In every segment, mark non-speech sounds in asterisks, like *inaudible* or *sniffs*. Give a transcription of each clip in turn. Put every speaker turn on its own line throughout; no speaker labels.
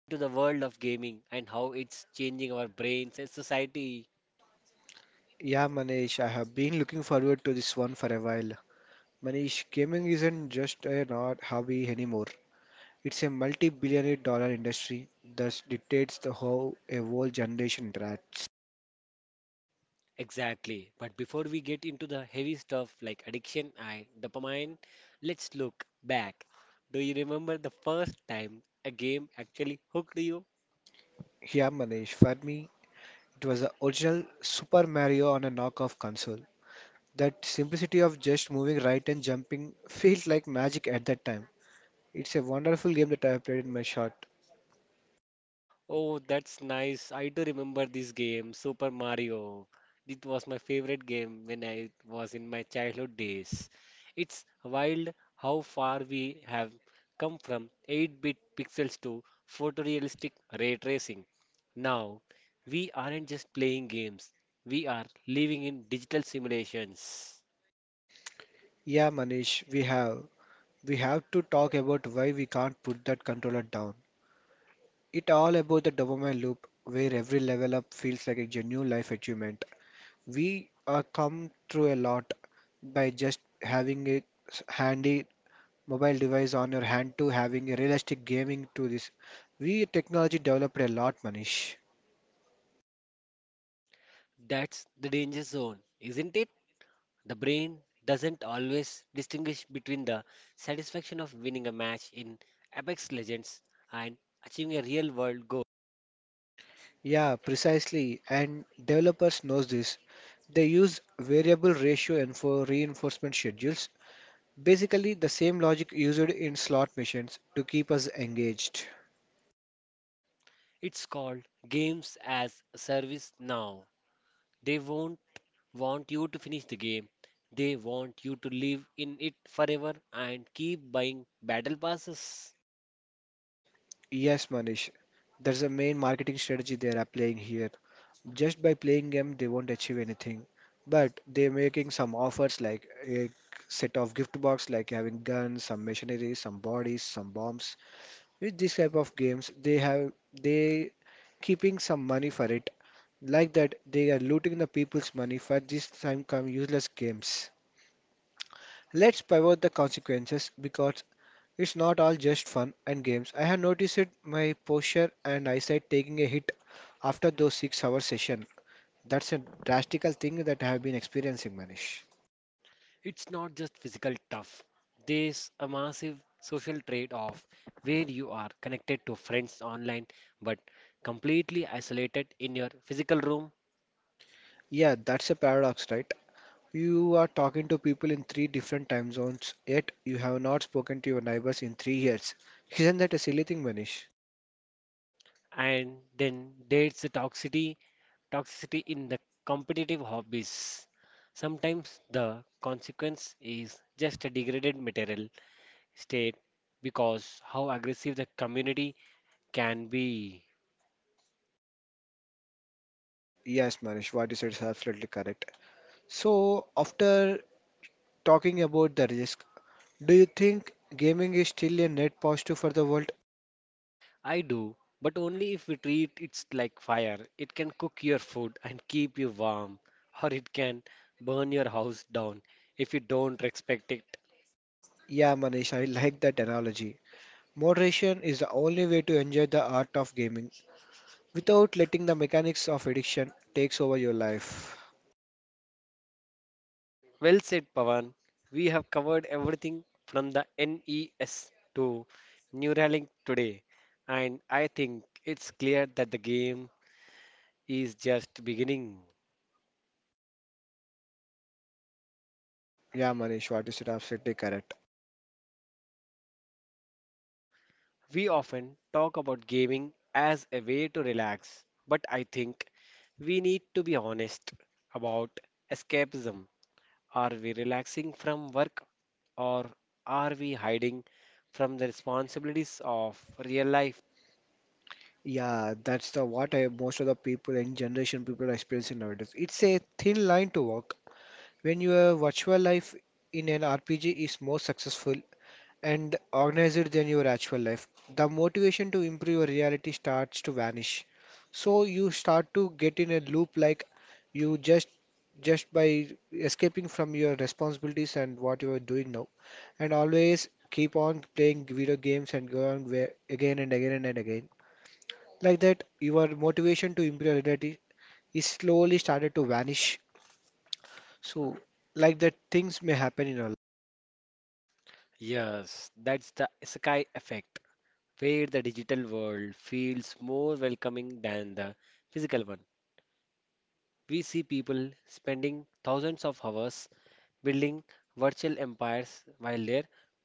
into the world of gaming and how it's changing our brains and society.
Yeah, Manish, I have been looking forward to this one for a while. Manish, gaming isn't just an odd hobby anymore. It's a multi-billion dollar industry that dictates the how a whole generation interacts.
Exactly. But before we get into the heavy stuff like addiction and dopamine, let's look back. Do you remember the first time a game actually hooked you?
Yeah, Manish, for me, it was the original Super Mario on a knockoff console. That simplicity of just moving right and jumping feels like magic at that time. It's a wonderful game that I have played in my shot.
Oh, that's nice. I do remember this game, Super Mario. It was my favorite game when I was in my childhood days. It's wild how far we have come from 8-bit pixels to photorealistic ray tracing. Now, we aren't just playing games, we are living in digital simulations.
Yeah, Manish, we have. We have to talk about why we can't put that controller down. It all about the dopamine loop where every level up feels like a genuine life achievement. We come through a lot by just having a handy mobile device on your hand to having a realistic gaming to this. We technology developed a lot, Manish.
That's the danger zone, isn't it? The brain doesn't always distinguish between the satisfaction of winning a match in Apex Legends and achieving a real world goal.
Yeah, precisely. And developers knows this. They use variable ratio and for reinforcement schedules. Basically, the same logic used in slot machines to keep us engaged.
It's called games as a service now. They won't want you to finish the game. They want you to live in it forever and keep buying battle passes.
Yes, Manish, there's a main marketing strategy they are applying here. Just by playing game, they won't achieve anything, but they're making some offers like a set of gift box, like having guns, some machinery, some bodies, some bombs. With this type of games, they keeping some money for it. Like that, they are looting the people's money for this time come useless games. Let's pivot the consequences because it's not all just fun and games. I have noticed it, my posture and eyesight taking a hit after those 6 hour session. That's a drastical thing that I have been experiencing, Manish.
It's not just physical tough. There's a massive social trade-off where you are connected to friends online but completely isolated in your physical room.
Yeah, that's a paradox, right? You are talking to people in three different time zones, yet you have not spoken to your neighbors in 3 years. Isn't that a silly thing, Manish?
And then there's the toxicity in the competitive hobbies. Sometimes the consequence is just a degraded material state because how aggressive the community can be.
Yes, Manish, what you said is absolutely correct. So, after talking about the risk, do you think gaming is still a net positive for the world?
I do, but only if we treat it like fire. It can cook your food and keep you warm, or it can burn your house down if you don't respect it.
Yeah, Manish, I like that analogy. Moderation is the only way to enjoy the art of gaming without letting the mechanics of addiction takes over your life.
Well said, Pavan. We have covered everything from the NES to Neuralink today, and I think it's clear that the game is just beginning.
Yeah, Manish, what you said absolutely correct.
We often talk about gaming as a way to relax, but I think we need to be honest about escapism. Are we relaxing from work or are we hiding from the responsibilities of real life?
Yeah, that's the what I, most of the people and generation people are experiencing nowadays. It's a thin line to walk. When your virtual life in an RPG is more successful, and organized than your actual life, the motivation to improve your reality starts to vanish. So you start to get in a loop like you just by escaping from your responsibilities and what you are doing now, and always keep on playing video games and go on where, again and again and again. Like that, your motivation to improve your reality is slowly started to vanish. So, like that, things may happen in our.
Yes, that's the isekai effect, where the digital world feels more welcoming than the physical one. We see people spending thousands of hours building virtual empires while their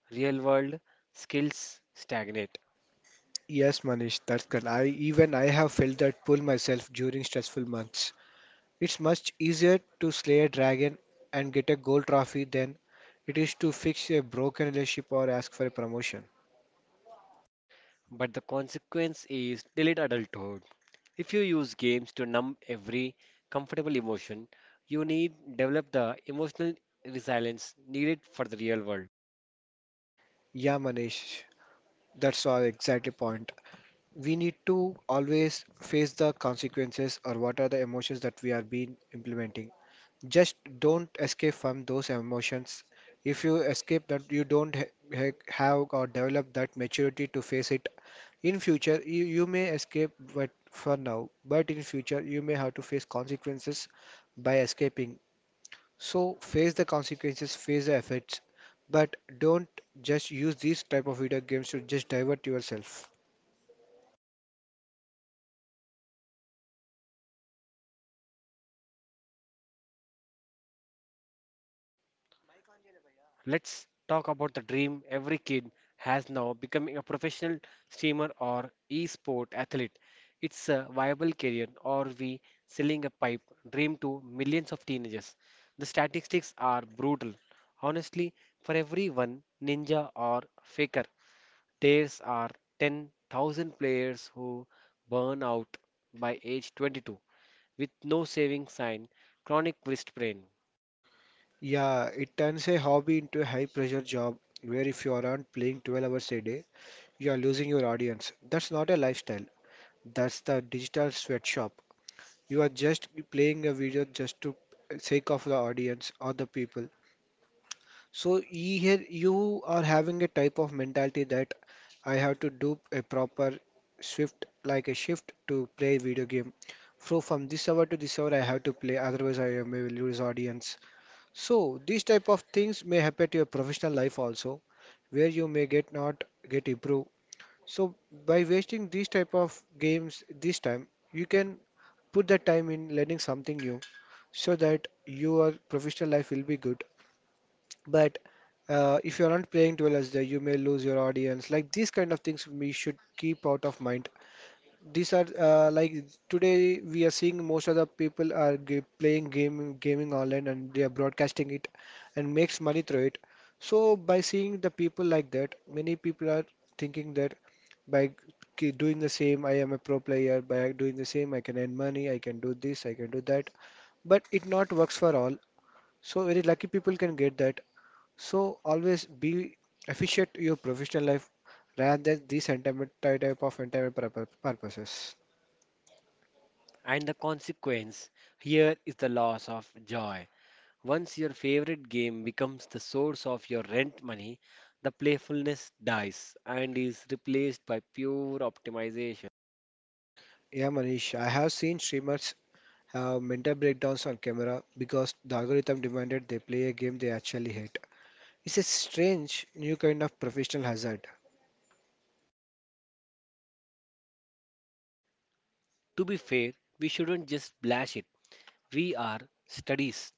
real world skills stagnate.
Yes, Manish, that's correct. I even I have felt that pull myself during stressful months. It's much easier to slay a dragon and get a gold trophy than it is to fix a broken relationship or ask for a promotion.
But the consequence is delayed adulthood. If you use games to numb every comfortable emotion, you need develop the emotional resilience needed for the real world.
Yeah, Manish, that's all exactly point. We need to always face the consequences or what are the emotions that we are being implementing. Just don't escape from those emotions. If you escape that, you don't have or develop that maturity to face it. In future, you may escape, but for now, but in future, you may have to face consequences by escaping. So face the consequences, face the effects, but don't just use these type of video games to just divert yourself.
Let's talk about the dream every kid has now becoming a professional streamer or e-sport athlete. It's a viable career, or we selling a pipe dream to millions of teenagers. The statistics are brutal. Honestly, for every one ninja or faker, there's are 10,000 players who burn out by age 22 with no saving sign, chronic wrist pain.
Yeah, it turns a hobby into a high pressure job where if you aren't playing 12 hours a day, you are losing your audience. That's not a lifestyle. That's the digital sweatshop. You are just playing a video just to sake of the audience or the people. So here you are having a type of mentality that I have to do a proper shift, like a shift to play video game. So from this hour to this hour, I have to play. Otherwise, I may lose audience. So these type of things may happen to your professional life also, where you may get not get improve. So by wasting these type of games this time, you can put that time in learning something new so that your professional life will be good. But if you're not playing well as there, you may lose your audience. Like these kind of things we should keep out of mind. These are like today we are seeing most of the people are g playing game gaming online and they are broadcasting it and makes money through it. So by seeing the people like that, many people are thinking that by doing the same, I am a pro player. By doing the same, I can earn money. I can do this. I can do that. But it not works for all. So very lucky people can get that. So always be efficient in your professional life rather than these sentiment type of entertainment purposes.
And the consequence here is the loss of joy. Once your favorite game becomes the source of your rent money, the playfulness dies and is replaced by pure optimization.
Yeah, Manish, I have seen streamers have mental breakdowns on camera because the algorithm demanded they play a game they actually hate. It's a strange new kind of professional hazard.
To be fair, we shouldn't just blash it. We are studies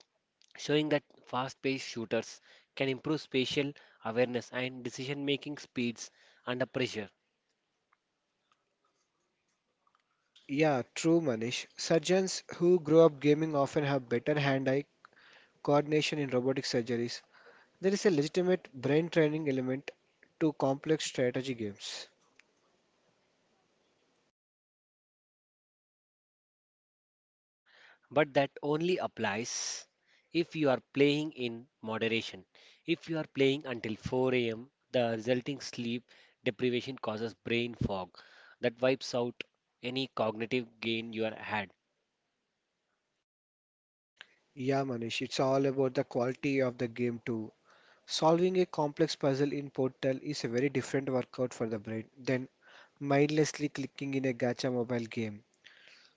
showing that fast paced shooters can improve spatial awareness and decision making speeds under pressure.
Yeah, true, Manish. Surgeons who grow up gaming often have better hand-eye coordination in robotic surgeries. There is a legitimate brain training element to complex strategy games.
But that only applies if you are playing in moderation. If you are playing until 4 a.m., the resulting sleep deprivation causes brain fog that wipes out any cognitive gain you are had.
Yeah, Manish, it's all about the quality of the game too. Solving a complex puzzle in Portal is a very different workout for the brain than mindlessly clicking in a gacha mobile game.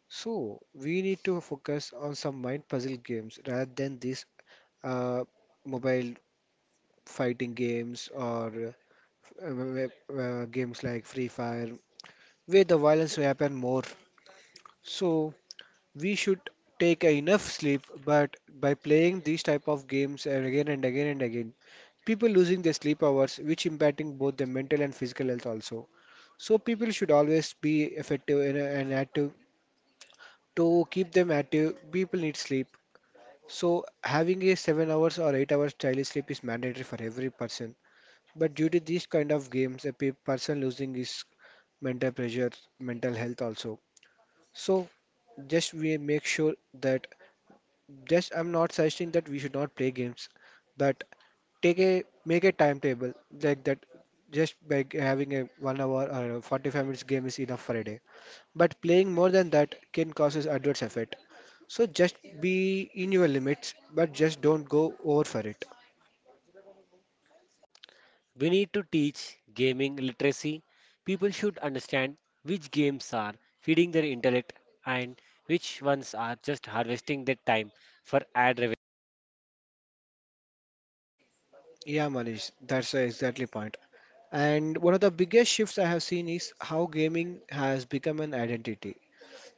So, we need to focus on some mind puzzle games rather than these uh, mobile fighting games or uh, uh, games like Free Fire, where the violence will happen more. So, we should take enough sleep, but by playing these type of games and again and again and again, people losing their sleep hours, which impacting both their mental and physical health also. So people should always be effective and active. To keep them active, people need sleep. So having a 7 hours or 8 hours daily sleep is mandatory for every person. But due to these kind of games, a person losing his mental pressure, mental health also. So just we make sure that just I'm not suggesting that we should not play games, but take a make a timetable like that. Just by having a 1 hour or a 45 minutes game is enough for a day. But playing more than that can causes adverse effect. So just be in your limits, but just don't go over for it.
We need to teach gaming literacy. People should understand which games are feeding their intellect and which ones are just harvesting their time for ad revenue.
Yeah, Manish, that's the exactly point. And one of the biggest shifts I have seen is how gaming has become an identity.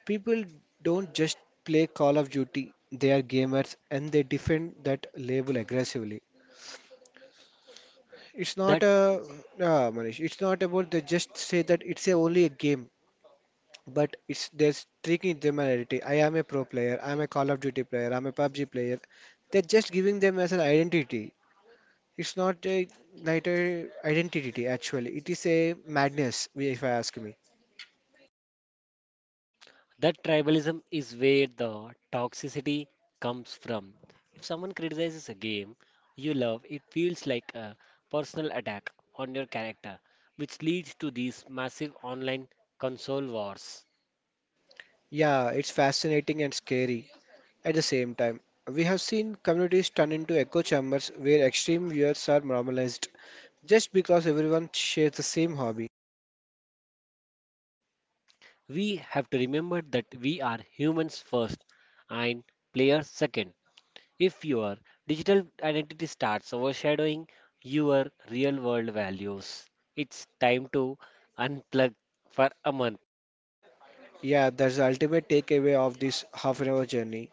People don't just play Call of Duty, they are gamers and they defend that label aggressively. It's not
That
a Manish, it's not about they just say that it's a, only a game, but it's there's tricking them an identity. I am a pro player, I'm a Call of Duty player, I'm a PUBG player. They're just giving them as an identity. It's not a neither identity actually. It is a madness, if I ask me.
That tribalism is where the toxicity comes from. If someone criticizes a game you love, it feels like a personal attack on your character, which leads to these massive online console wars.
Yeah, it's fascinating and scary. At the same time, we have seen communities turn into echo chambers where extreme views are normalized just because everyone shares the same hobby.
We have to remember that we are humans first and players second. If your digital identity starts overshadowing your real world values, it's time to unplug for a month.
Yeah, that's the ultimate takeaway of this half an hour journey.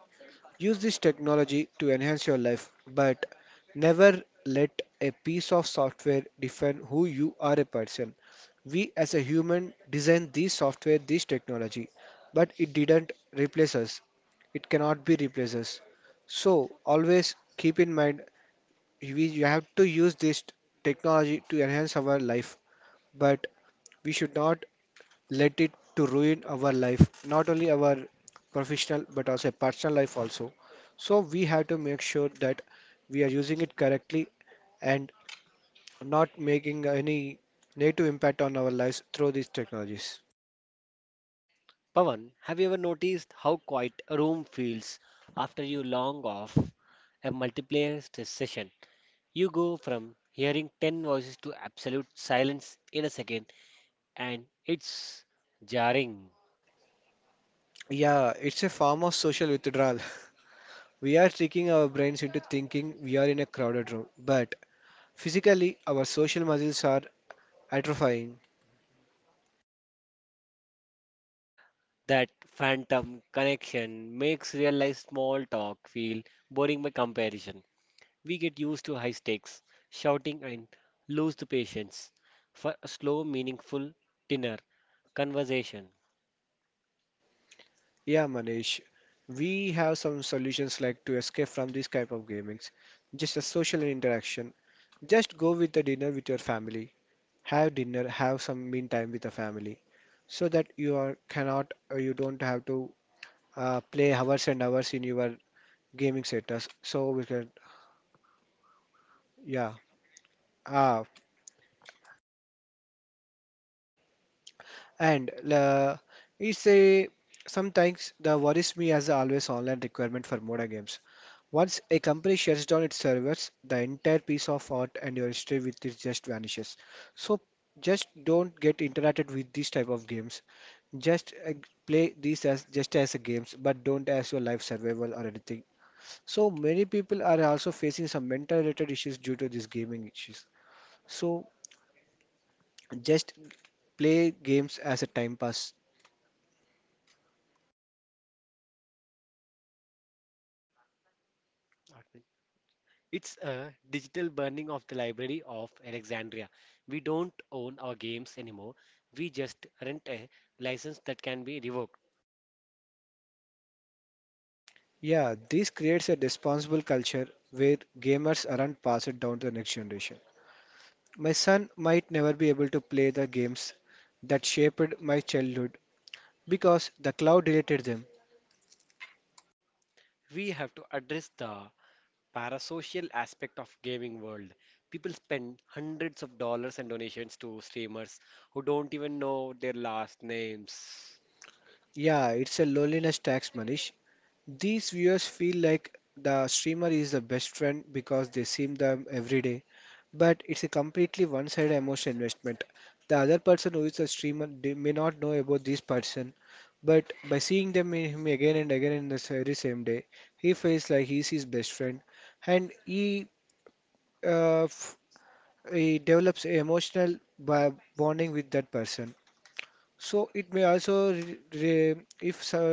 Use this technology to enhance your life, but never let a piece of software define who you are a person. We as a human designed this software, this technology, but it didn't replace us. It cannot be replaces. So always keep in mind we you have to use this technology to enhance our life, but we should not let it to ruin our life, not only our professional but also personal life also. So we have to make sure that we are using it correctly and not making any negative impact on our lives through these technologies.
Pawan, have you ever noticed how quiet a room feels after you long off a multiplayer session? You go from hearing 10 voices to absolute silence in a second, and it's jarring.
Yeah, it's a form of social withdrawal. *laughs* We are tricking our brains into thinking we are in a crowded room, but physically our social muscles are atrophying.
That phantom connection makes real life small talk feel boring by comparison. We get used to high stakes, shouting, and lose the patience for a slow, meaningful dinner conversation.
Yeah, Manish, we have some solutions like to escape from this type of gamings. Just a social interaction. Just go with the dinner with your family. Have dinner, have some mean time with the family, so that you are cannot, you don't have to play hours and hours in your gaming setups. So we can, yeah. Ah, and it's say, sometimes the worries me as the always online requirement for modern games. Once a company shuts down its servers, the entire piece of art and your history with it just vanishes. So just don't get interacted with these type of games. Just play these as just as a games, but don't as your life survival or anything. So many people are also facing some mental related issues due to these gaming issues. So just play games as a time pass.
It's a digital burning of the Library of Alexandria. We don't own our games anymore. We just rent a license that can be revoked.
Yeah, this creates a responsible culture where gamers aren't passed down to the next generation. My son might never be able to play the games that shaped my childhood because the cloud deleted them.
We have to address the parasocial aspect of gaming world. People spend hundreds of dollars and donations to streamers who don't even know their last names.
Yeah, it's a loneliness tax, money. These viewers feel like the streamer is the best friend because they see them every day, but it's a completely one-sided emotional investment. The other person who is a streamer they may not know about this person, but by seeing them in him again and again in the very same day, he feels like he's his best friend, and uh, f he develops a emotional bonding with that person. So it may also re re- if so,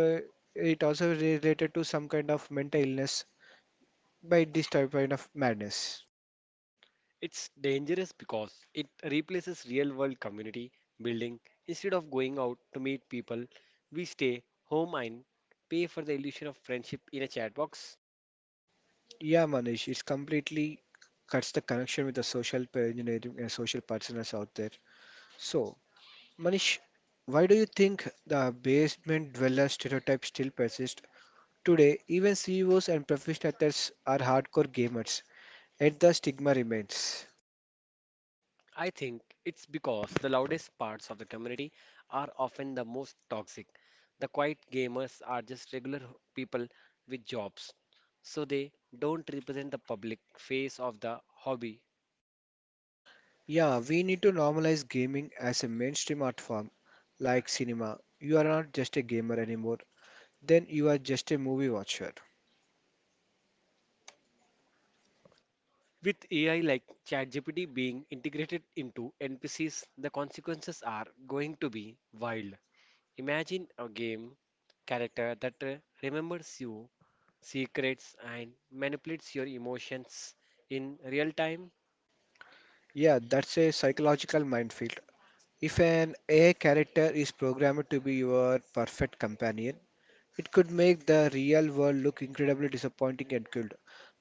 it also related to some kind of mental illness by this type kind of madness.
It's dangerous because it replaces real world community building. Instead of going out to meet people, we stay home and pay for the illusion of friendship in a chat box.
Yeah, Manish, it's completely cuts the connection with the social engineering and social partners out there. So, Manish, why do you think the basement dweller stereotype still persists today? Even CEOs and professional athletes are hardcore gamers, yet the stigma remains.
I think it's because the loudest parts of the community are often the most toxic. The quiet gamers are just regular people with jobs, so they don't represent the public face of the hobby.
Yeah, we need to normalize gaming as a mainstream art form, like cinema. You are not just a gamer anymore, then you are just a movie watcher.
With AI like ChatGPT being integrated into NPCs, the consequences are going to be wild. Imagine a game character that remembers you, secrets, and manipulates your emotions in real time.
Yeah, that's a psychological minefield. If an AI character is programmed to be your perfect companion, it could make the real world look incredibly disappointing and cold.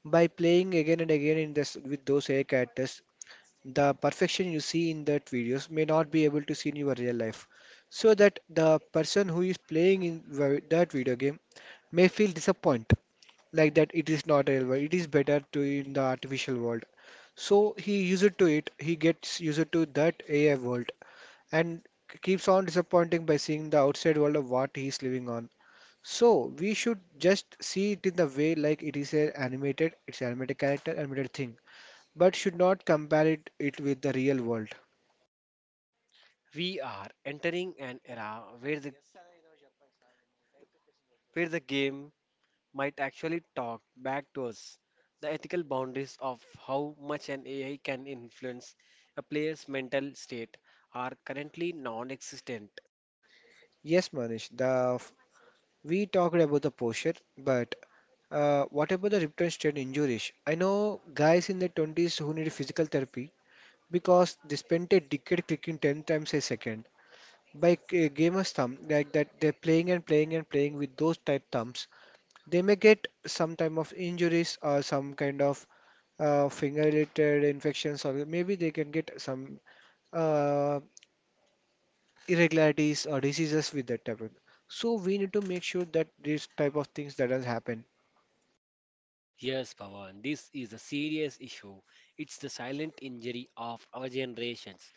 By playing again and again in this with those AI characters, the perfection you see in that videos may not be able to see in your real life. So that the person who is playing in that video game may feel disappointed, like that it is not real world, it is better to in the artificial world. So he used to it, he gets used to that AI world and keeps on disappointing by seeing the outside world of what he's living on. So we should just see it in the way like it is a animated, it's an animated character, animated thing, but should not compare it with the real world.
We are entering an era where the game might actually talk back to us. The ethical boundaries of how much an AI can influence a player's mental state are currently non existent.
Yes, Manish, the we talked about the posture, but what about the return strain injuries? I know guys in their 20s who need physical therapy because they spent a decade clicking 10 times a second. By gamer's thumb, like that, they're playing and playing and playing with those tight thumbs. They may get some type of injuries or some kind of finger-related infections, or maybe they can get some uh, irregularities or diseases with that type of. So we need to make sure that these type of things doesn't happen.
Yes, Pawan, this is a serious issue. It's the silent injury of our generations.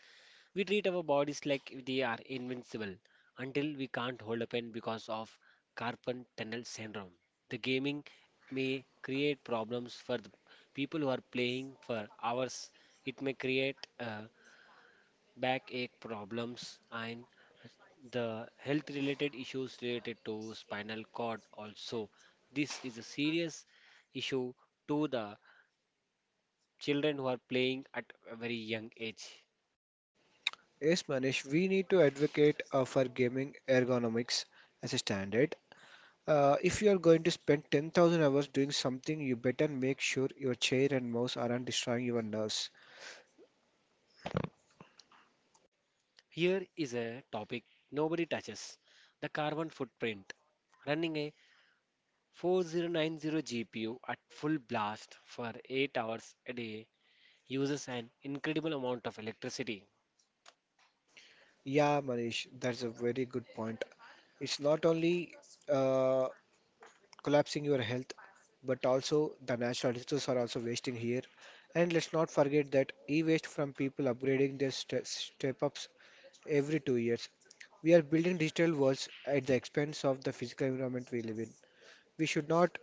We treat our bodies like they are invincible until we can't hold a pen because of carpal tunnel syndrome. The gaming may create problems for the people who are playing for hours. It may create backache problems and the health related issues related to spinal cord also. This is a serious issue to the children who are playing at a very young age.
Yes, Manish, we need to advocate for gaming ergonomics as a standard. If you are going to spend 10,000 hours doing something, you better make sure your chair and mouse aren't destroying your nerves.
Here is a topic nobody touches the carbon footprint. Running a 4090 GPU at full blast for 8 hours a day uses an incredible amount of electricity.
Yeah, Manish, that's a very good point. It's not only uh, collapsing your health, but also the natural resources are also wasting here. And let's not forget that e-waste from people upgrading their step ups every 2 years. We are building digital worlds at the expense of the physical environment we live in. We should not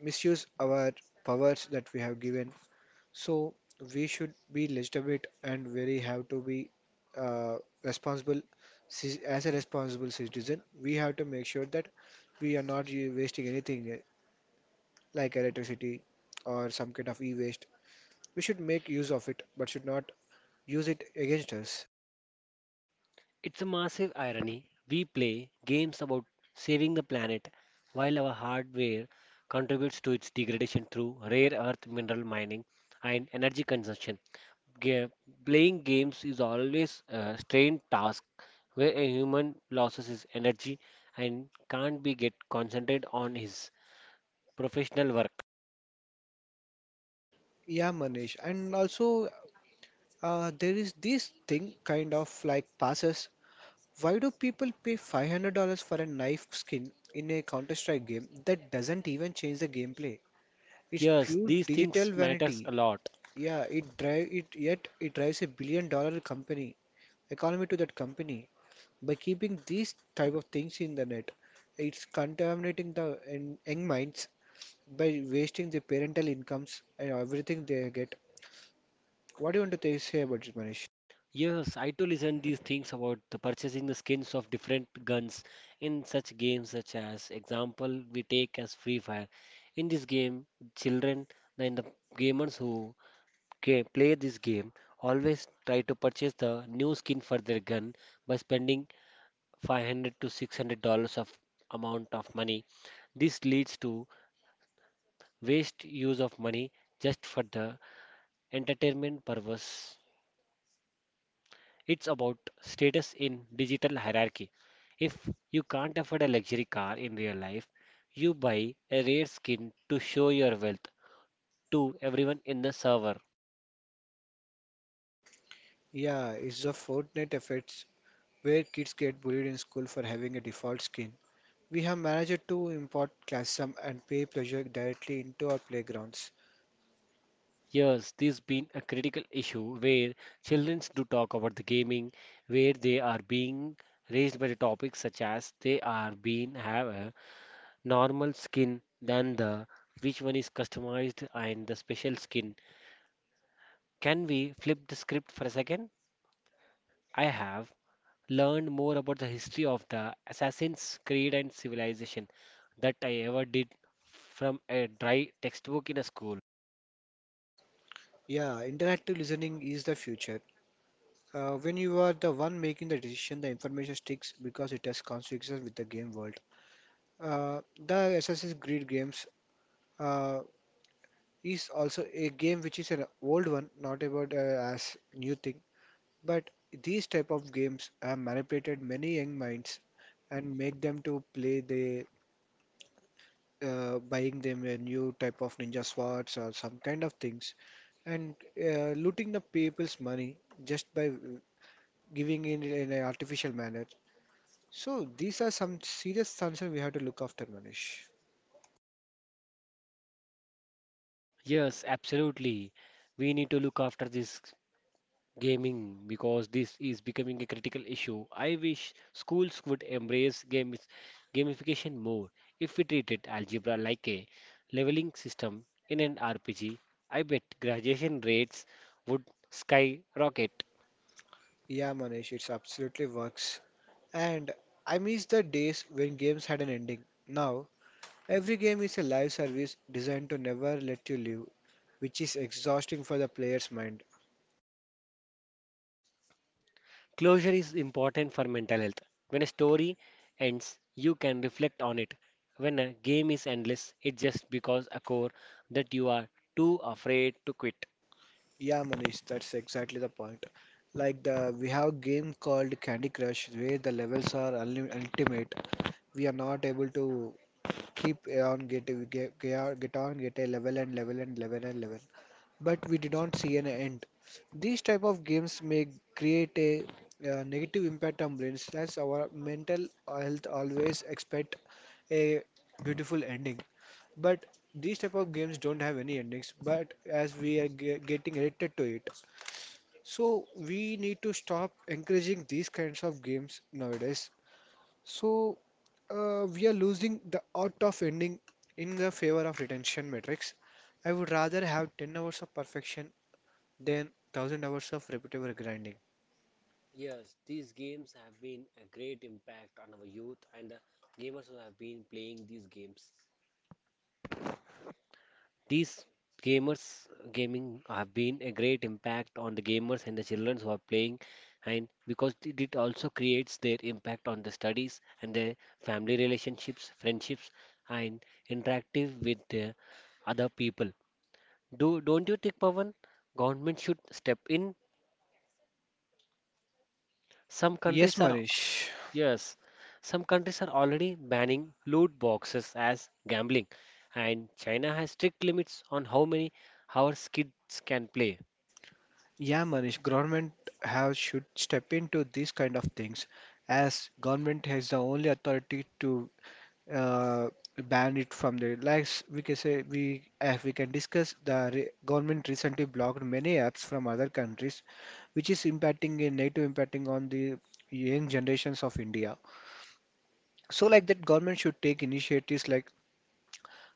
misuse our powers that we have given, so we should be legitimate and very have to be uh, responsible. As a responsible citizen, we have to make sure that we are not wasting anything like electricity or some kind of e-waste. We should make use of it, but should not use it against us.
It's a massive irony. We play games about saving the planet while our hardware contributes to its degradation through rare earth mineral mining and energy consumption. Ga- playing games is always a strained task where a human loses his energy and can't be get concentrated on his professional work.
Yeah, Manish. And also, there is this thing kind of like passes. Why do people pay $500 for a knife skin in a Counter-Strike game that doesn't even change the gameplay? It's
Yes,
pure
these
digital
things matters
vanity.
a lot.
Yeah, it drives a billion dollar company economy to that company by keeping these type of things in the net. It's contaminating the young minds by wasting the parental incomes and everything they get. What do you want to say about it, Manish?
Yes, I too listen these things about the purchasing the skins of different guns in such games such as example we take as Free Fire. In this game, children and the gamers who play this game always try to purchase the new skin for their gun by spending 500 to $600 of amount of money. This leads to waste use of money just for the entertainment purpose. It's about status in digital hierarchy. If you can't afford a luxury car in real life, you buy a rare skin to show your wealth to everyone in the server.
Yeah, it's the Fortnite effects where kids get bullied in school for having a default skin. We have managed to import classism and pay pressure directly into our playgrounds.
Yes, this been a critical issue where children do talk about the gaming, where they are being raised by the topics such as they are being have a normal skin than the which one is customized and the special skin. Can we flip the script for a second? I have learned more about the history of the Assassin's Creed and civilization that I ever did from a dry textbook in a school.
Yeah, interactive listening is the future. When you are the one making the decision, the information sticks because it has consequences with the game world. Uh, the Assassin's Creed games uh, is also a game which is an old one, not about as new thing. But these type of games have manipulated many young minds and make them to play the buying them a new type of ninja swords or some kind of things and looting the people's money just by giving in an artificial manner. So these are some serious concerns we have to look after, Manish.
Yes, absolutely. We need to look after this gaming because this is becoming a critical issue. I wish schools would embrace games, gamification more. If we treated algebra like a leveling system in an RPG, I bet graduation rates would skyrocket.
Yeah, Manish, it's absolutely works. And I miss the days when games had an ending. Now, every game is a live service designed to never let you live, which is exhausting for the player's mind.
Closure is important for mental health. When a story ends, you can reflect on it. When a game is endless, it's just because a core that you are too afraid to quit.
Yeah, Manish, that's exactly the point. Like the we have a game called Candy Crush where the levels are ultimate. We are not able to keep on get a level and level and level and level, but we did not see an end. These type of games may create a negative impact on brains. That's our mental health always expect a beautiful ending, but these type of games don't have any endings, but as we are getting addicted to it, so we need to stop encouraging these kinds of games nowadays. So we are losing the art of ending in the favor of retention metrics. I would rather have 10 hours of perfection than 1,000 hours of repetitive grinding.
Yes, these games have been a great impact on our youth and the gamers who have been playing these games. These gamers gaming have been a great impact on the gamers and the children who are playing, and because it also creates their impact on the studies and their family relationships, friendships, and interactive with the other people. Do don't you think, Pavan, government should step in? Some
Yes,
countries are
Manish.
Yes, some countries are already banning loot boxes as gambling, and China has strict limits on how many hours kids can play.
Yeah, Manish, government have should step into these kind of things as government has the only authority to uh, ban it from the like we can say we can discuss the re government recently blocked many apps from other countries which is impacting a negative impacting on the young generations of India. So like that government should take initiatives like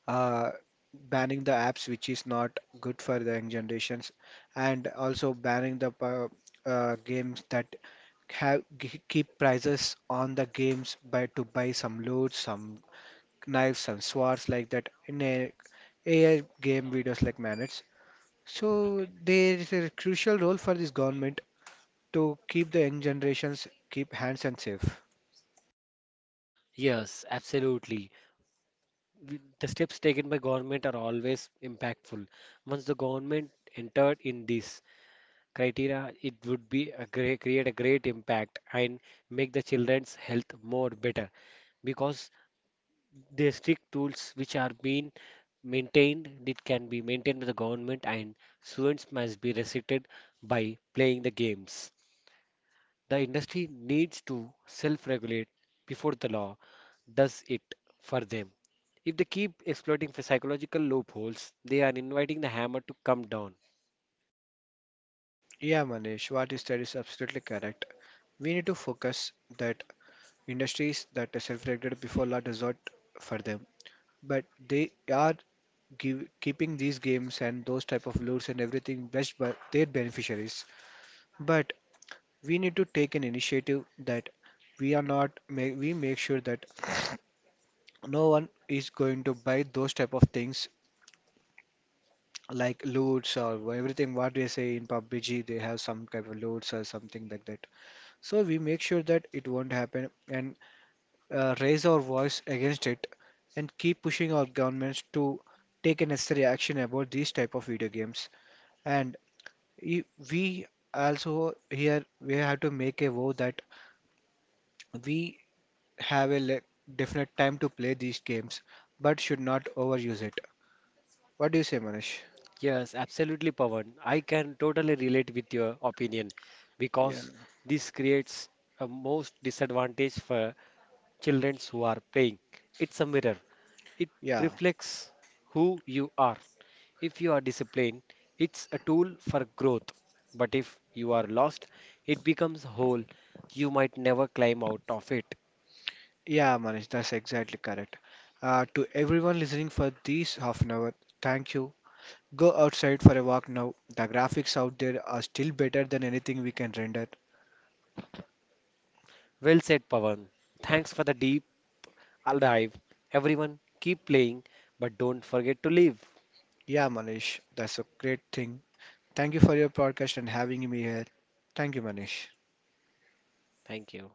uh, banning the apps which is not good for the young generations, and also banning the games that have keep prices on the games by to buy some loot, some knives and swords like that in a AI game videos like Manage. So there is a crucial role for this government to keep the young generations keep hands and safe.
Yes, absolutely. The steps taken by government are always impactful. Once the government entered in this criteria, it would be create a great impact and make the children's health more better because they strict tools which are being maintained, it can be maintained by the government and students must be restricted by playing the games. The industry needs to self-regulate before the law does it for them. If they keep exploiting the psychological loopholes, they are inviting the hammer to come down.
Yeah, Manish, what you said is absolutely correct. We need to focus that industries that are self-regulated before law does not for them, but they are keeping these games and those type of lures and everything best by their beneficiaries. But we need to take an initiative that we are not we make sure that *sniffs* no one is going to buy those type of things like loots or everything what they say in PUBG. They have some kind of loots or something like that, so we make sure that it won't happen and raise our voice against it and keep pushing our governments to take a necessary action about these type of video games. And i- we also here we have to make a vow that we have a definite time to play these games, but should not overuse it. What do you say, Manish?
Yes, absolutely, Pawan. I can totally relate with your opinion
Yeah,
because
cool.
this creates a most disadvantage for children who are playing. It's a mirror. It
Yeah,
reflects who you are. If you are disciplined, it's a tool for growth. But if you are lost, it becomes a hole. You might never climb out of it.
yeah, Manish, that's exactly correct. To everyone listening for this half an hour, thank you. Go outside for a walk now. The graphics out there are still better than anything we can render.
Well said, Pavan. Thanks for the deep dive. Everyone, keep playing, but don't forget to leave.
Yeah, Manish, that's a great thing. Thank you for your podcast and having me here. Thank you, Manish.
Thank you.